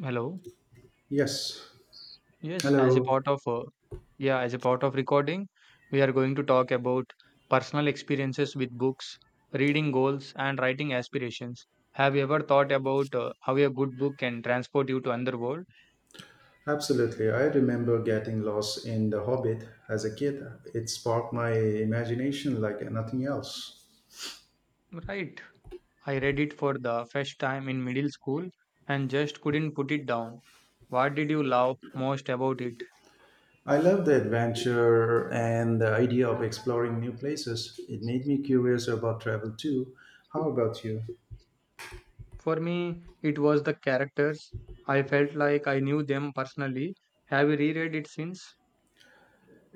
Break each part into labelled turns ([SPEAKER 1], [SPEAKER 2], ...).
[SPEAKER 1] Hello.
[SPEAKER 2] Yes,
[SPEAKER 1] Yes, as a
[SPEAKER 2] hello.
[SPEAKER 1] part of yeah, as a part of recording, we are going to talk about personal experiences with books, reading goals, and writing aspirations. Have you ever thought about how a good book can transport you to another world?
[SPEAKER 2] Absolutely. I remember getting lost in The Hobbit as a kid. It sparked my imagination like nothing else.
[SPEAKER 1] Right. I read it for the first time in middle school and just couldn't put it down. What did you love most about it?
[SPEAKER 2] I love the adventure and the idea of exploring new places. It made me curious about travel too. How about you?
[SPEAKER 1] For me, it was the characters. I felt like I knew them personally. Have you reread it since?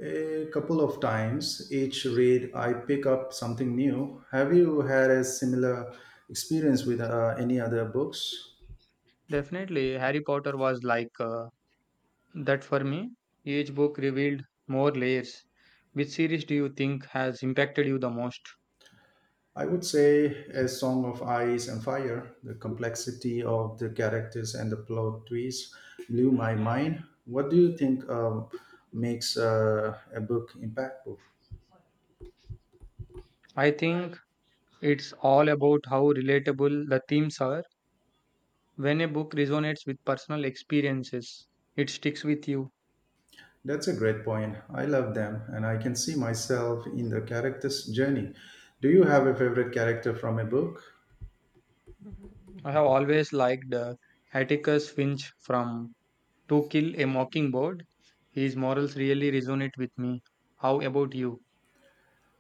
[SPEAKER 2] A couple of times each read, I pick up something new. Have you had a similar experience with any other books?
[SPEAKER 1] Definitely, Harry Potter was that for me. Each book revealed more layers. Which series do you think has impacted you the most?
[SPEAKER 2] I would say A Song of Ice and Fire. The complexity of the characters and the plot twists blew my mind. What do you think makes a book impactful?
[SPEAKER 1] I think it's all about how relatable the themes are. When a book resonates with personal experiences, it sticks with you.
[SPEAKER 2] That's a great point. I love them and I can see myself in the character's journey. Do you have a favorite character from a book?
[SPEAKER 1] I have always liked Atticus Finch from To Kill a Mockingbird. His morals really resonate with me. How about you?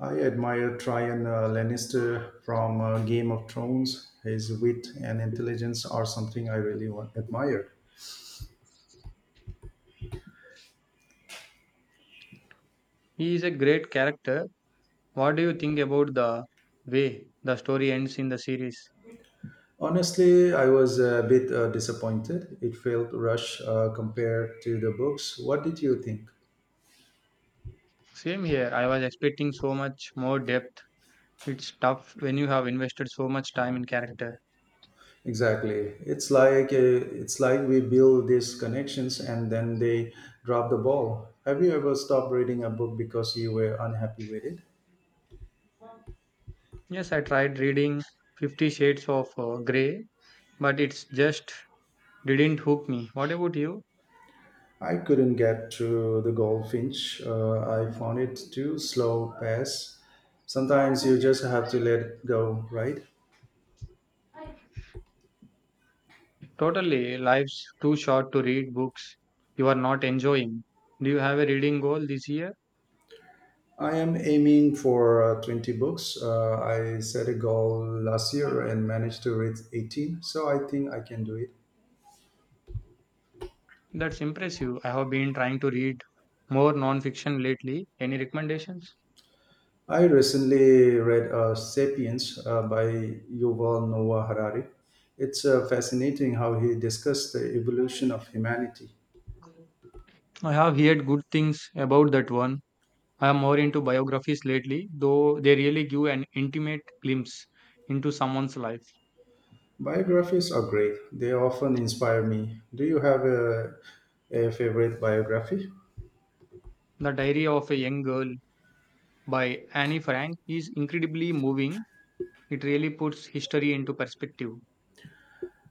[SPEAKER 2] I admire Tryon Lannister from Game of Thrones. His wit and intelligence are something I really want, admire.
[SPEAKER 1] He is a great character. What do you think about the way the story ends in the series?
[SPEAKER 2] Honestly, I was a bit disappointed. It felt rushed compared to the books. What did you think?
[SPEAKER 1] Same here. I was expecting so much more depth. It's tough when you have invested so much time in character.
[SPEAKER 2] Exactly. It's like we build these connections and then they drop the ball. Have you ever stopped reading a book because you were unhappy with it?
[SPEAKER 1] Yes, I tried reading 50 shades of gray, but it's just didn't hook me. What about you?
[SPEAKER 2] I couldn't get through the Goldfinch. I found it too slow pace. Sometimes you just have to let it go, right?
[SPEAKER 1] Totally, life's too short to read books you are not enjoying. Do you have a reading goal this year?
[SPEAKER 2] I am aiming for 20 books. I set a goal last year and managed to read 18, so I think I can do it.
[SPEAKER 1] That's impressive. I have been trying to read more non-fiction lately. Any recommendations?
[SPEAKER 2] I recently read Sapiens by Yuval Noah Harari. It's fascinating how he discussed the evolution of humanity.
[SPEAKER 1] I have heard good things about that one. I am more into biographies lately, though they really give an intimate glimpse into someone's life.
[SPEAKER 2] Biographies are great, they often inspire me. Do you have a favorite biography?
[SPEAKER 1] The Diary of a Young Girl by Annie Frank is incredibly moving. It really puts history into perspective.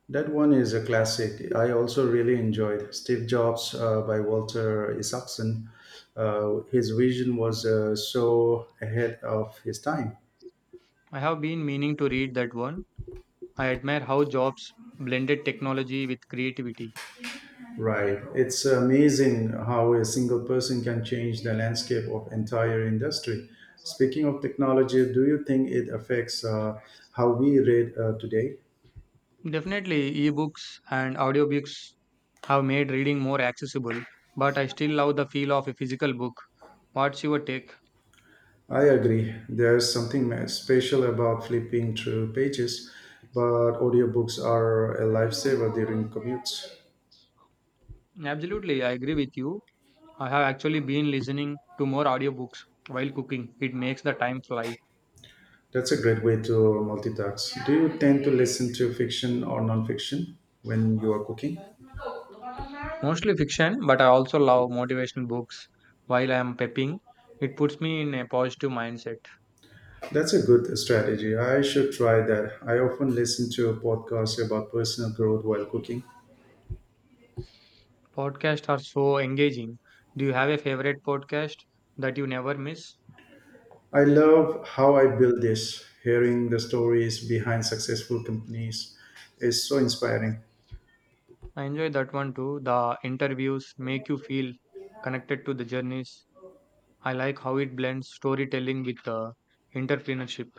[SPEAKER 2] That one is a classic. I also really enjoyed Steve Jobs by Walter Isaacson. His vision was so ahead of his time.
[SPEAKER 1] I have been meaning to read that one. I admire how Jobs blended technology with creativity.
[SPEAKER 2] Right. It's amazing how a single person can change the landscape of entire industry. Speaking of technology, do you think it affects how we read today?
[SPEAKER 1] Definitely, ebooks and audiobooks have made reading more accessible, but I still love the feel of a physical book. What's your take?
[SPEAKER 2] I agree. There's something special about flipping through pages, but audiobooks are a lifesaver during commutes.
[SPEAKER 1] Absolutely, I agree with you. I have actually been listening to more audiobooks while cooking. It makes the time fly.
[SPEAKER 2] That's a great way to multitask. Do you tend to listen to fiction or nonfiction when you are cooking?
[SPEAKER 1] Mostly fiction, but I also love motivational books while I am prepping. It puts me in a positive mindset.
[SPEAKER 2] That's a good strategy. I should try that. I often listen to a podcast about personal growth while cooking.
[SPEAKER 1] Podcasts are so engaging. Do you have a favorite podcast that you never miss?
[SPEAKER 2] I love how I build this. Hearing the stories behind successful companies is so inspiring.
[SPEAKER 1] I enjoy that one too. The interviews make you feel connected to the journeys. I like how it blends storytelling with entrepreneurship.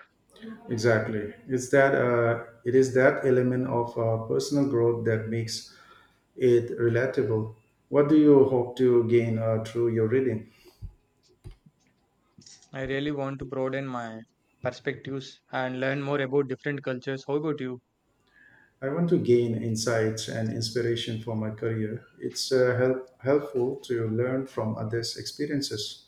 [SPEAKER 2] Exactly. It is that element of personal growth that makes it relatable. What do you hope to gain through your reading?
[SPEAKER 1] I really want to broaden my perspectives and learn more about different cultures. How about you?
[SPEAKER 2] I want to gain insights and inspiration for my career. It's helpful to learn from others' experiences.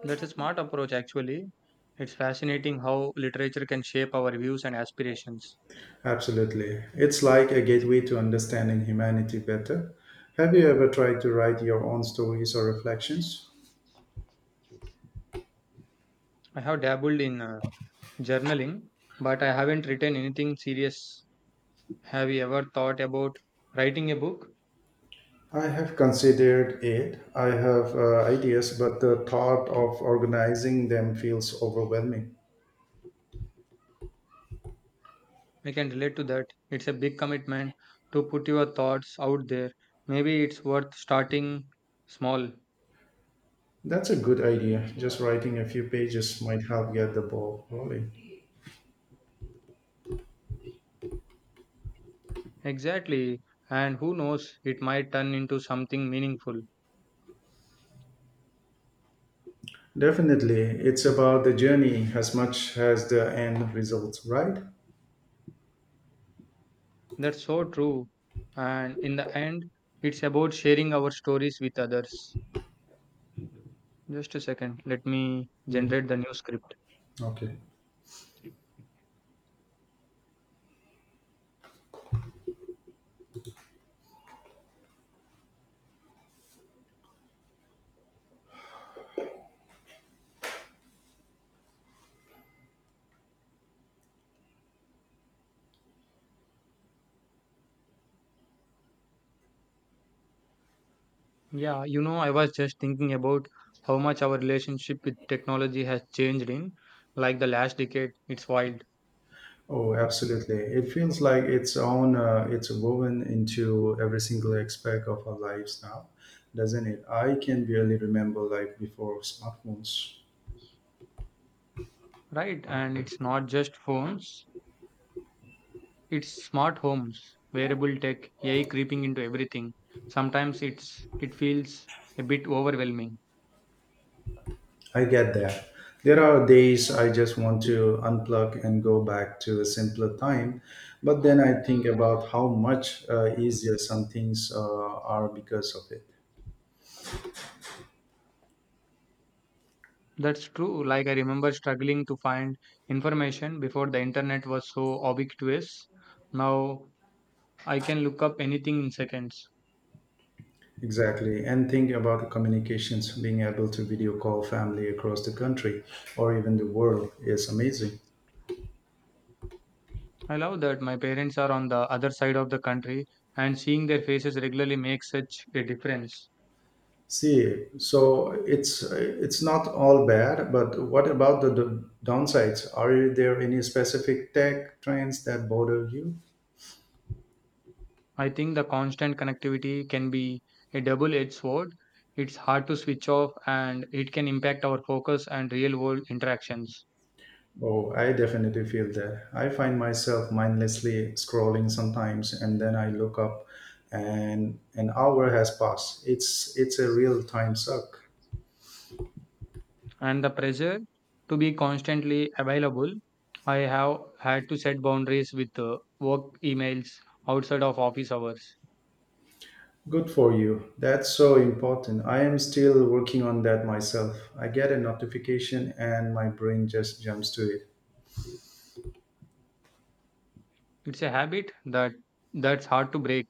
[SPEAKER 1] That's a smart approach, actually. It's fascinating how literature can shape our views and aspirations.
[SPEAKER 2] Absolutely. It's like a gateway to understanding humanity better. Have you ever tried to write your own stories or reflections?
[SPEAKER 1] I have dabbled in journaling, but I haven't written anything serious. Have you ever thought about writing a book?
[SPEAKER 2] I have considered it. I have ideas, but the thought of organizing them feels overwhelming.
[SPEAKER 1] I can relate to that. It's a big commitment to put your thoughts out there. Maybe it's worth starting small.
[SPEAKER 2] That's a good idea. Just writing a few pages might help get the ball rolling.
[SPEAKER 1] Exactly. And who knows, it might turn into something meaningful.
[SPEAKER 2] Definitely, it's about the journey as much as the end result, right?
[SPEAKER 1] That's so true. And in the end, it's about sharing our stories with others. Just a second, let me generate the new script.
[SPEAKER 2] Okay.
[SPEAKER 1] Yeah, you know, I was just thinking about how much our relationship with technology has changed in like the last decade. It's wild,
[SPEAKER 2] Oh, absolutely. It feels like its own, it's woven into every single aspect of our lives now, doesn't it? I can barely remember life before smartphones.
[SPEAKER 1] right? And it's not just phones, it's smart homes, wearable tech, AI creeping into everything. Sometimes it feels a bit overwhelming.
[SPEAKER 2] I get that. There are days I just want to unplug and go back to a simpler time, but then I think about how much easier some things are because of it.
[SPEAKER 1] That's true. Like, I remember struggling to find information before the internet was so ubiquitous. Now I can look up anything in seconds.
[SPEAKER 2] Exactly. And think about the communications being able to video call family across the country or even the world is amazing.
[SPEAKER 1] I love that my parents are on the other side of the country and seeing their faces regularly makes such a difference.
[SPEAKER 2] See, so it's not all bad, but what about the downsides? Are there any specific tech trends that bother you?
[SPEAKER 1] I think the constant connectivity can be a double edged sword. It's hard to switch off and it can impact our focus and real world interactions.
[SPEAKER 2] Oh, I definitely feel that. I find myself mindlessly scrolling sometimes, and then I look up, and an hour has passed. It's a real time suck.
[SPEAKER 1] And the pressure to be constantly available. I have had to set boundaries with work emails outside of office hours.
[SPEAKER 2] Good for you. That's so important. I am still working on that myself. I get a notification and my brain just jumps to it.
[SPEAKER 1] It's a habit that's hard to break.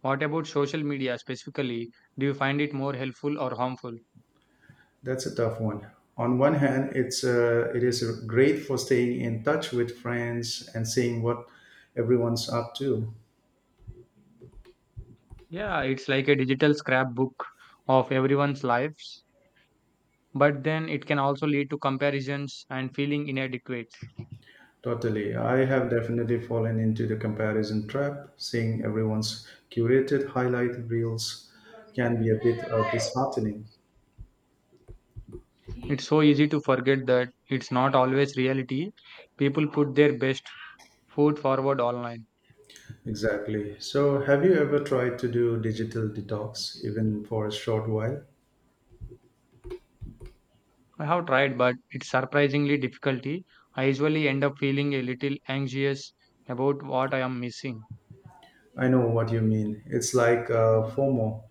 [SPEAKER 1] What about social media specifically? Do you find it more helpful or harmful?
[SPEAKER 2] That's a tough one. On one hand, it is great for staying in touch with friends and seeing what everyone's up to.
[SPEAKER 1] Yeah, it's like a digital scrapbook of everyone's lives, but then it can also lead to comparisons and feeling inadequate.
[SPEAKER 2] Totally. I have definitely fallen into the comparison trap. Seeing everyone's curated highlight reels can be a bit disheartening.
[SPEAKER 1] It's so easy to forget that it's not always reality. People put their best foot forward online.
[SPEAKER 2] Exactly. So, have you ever tried to do digital detox, even for a short while?
[SPEAKER 1] I have tried, but it's surprisingly difficulty. I usually end up feeling a little anxious about what I am missing.
[SPEAKER 2] I know what you mean. It's like FOMO,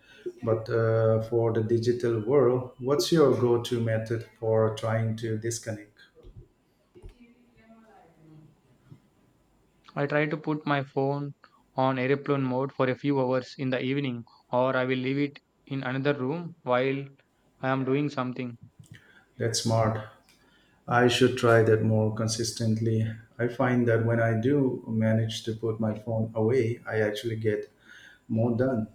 [SPEAKER 2] but for the digital world, what's your go to method for trying to disconnect?
[SPEAKER 1] I try to put my phone on airplane mode for a few hours in the evening, or I will leave it in another room while I am doing something.
[SPEAKER 2] That's smart. I should try that more consistently. I find that when I do manage to put my phone away, I actually get more done.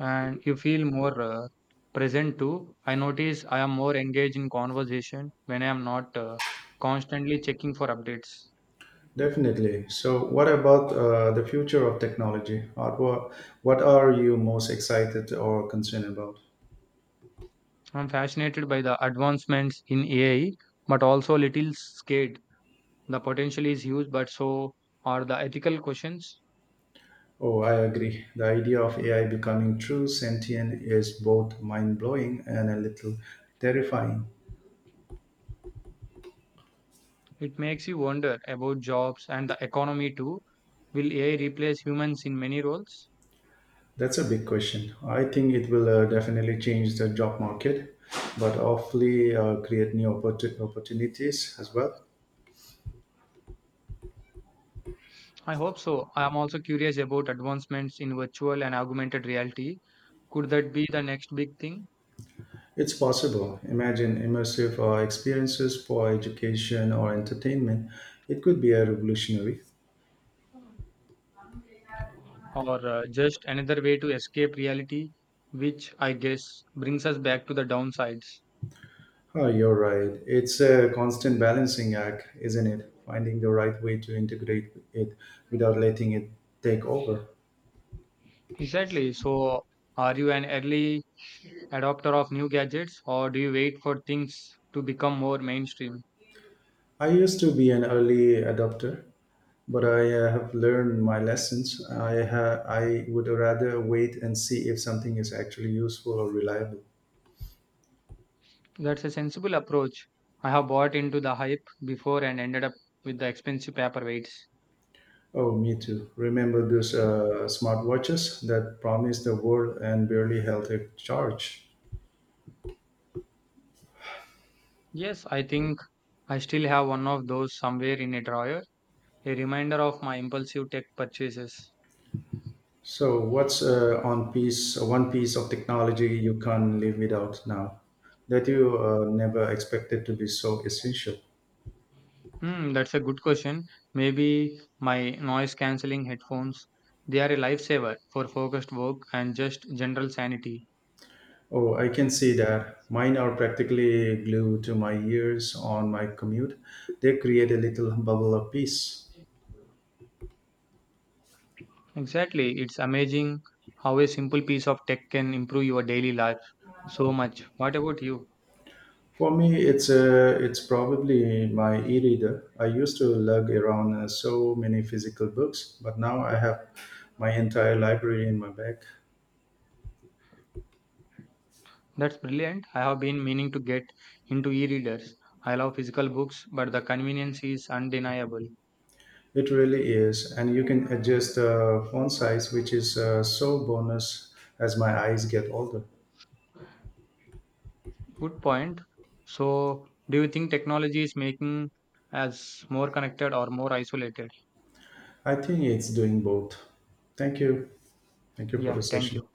[SPEAKER 1] And you feel more present too. I notice I am more engaged in conversation when I am not constantly checking for updates.
[SPEAKER 2] Definitely. So, what about the future of technology? What are you most excited or concerned about?
[SPEAKER 1] I'm fascinated by the advancements in AI, but also a little scared. The potential is huge, but so are the ethical questions.
[SPEAKER 2] Oh, I agree. The idea of AI becoming true sentient is both mind blowing and a little terrifying.
[SPEAKER 1] It makes you wonder about jobs and the economy too. Will AI replace humans in many roles?
[SPEAKER 2] That's a big question. I think it will definitely change the job market, but hopefully create new opportunities as well.
[SPEAKER 1] I hope so. I am also curious about advancements in virtual and augmented reality. Could that be the next big thing,
[SPEAKER 2] It's possible. Imagine immersive experiences for education or entertainment. It could be a revolutionary.
[SPEAKER 1] or just another way to escape reality, which I guess brings us back to the downsides?
[SPEAKER 2] Oh, you're right. It's a constant balancing act, isn't it? Finding the right way to integrate it without letting it take over.
[SPEAKER 1] Exactly. So, are you an early adopter of new gadgets, or do you wait for things to become more mainstream?
[SPEAKER 2] I used to be an early adopter, but I have learned my lessons. I would rather wait and see if something is actually useful or reliable.
[SPEAKER 1] That's a sensible approach. I have bought into the hype before and ended up with the expensive paperweights.
[SPEAKER 2] Oh, me too. Remember those smartwatches that promised the world and barely held a charge?
[SPEAKER 1] Yes, I think I still have one of those somewhere in a drawer, a reminder of my impulsive tech purchases.
[SPEAKER 2] So, what's one piece of technology you can't live without now that you never expected to be so essential?
[SPEAKER 1] Hmm, that's a good question. Maybe my noise cancelling headphones. They are a lifesaver for focused work and just general sanity.
[SPEAKER 2] Oh, I can see that. Mine are practically glued to my ears on my commute. They create a little bubble of peace.
[SPEAKER 1] Exactly. It's amazing how a simple piece of tech can improve your daily life so much. What about you?
[SPEAKER 2] For me, it's probably my e-reader. I used to lug around so many physical books, but now I have my entire library in my bag.
[SPEAKER 1] That's brilliant. I have been meaning to get into e readers. I love physical books, but the convenience is undeniable.
[SPEAKER 2] It really is, and you can adjust the font size, which is so bonus as my eyes get older.
[SPEAKER 1] Good point. So, do you think technology is making us more connected or more isolated?
[SPEAKER 2] I think it's doing both. Thank you. Thank you for the
[SPEAKER 1] Yeah, thank
[SPEAKER 2] session.
[SPEAKER 1] you.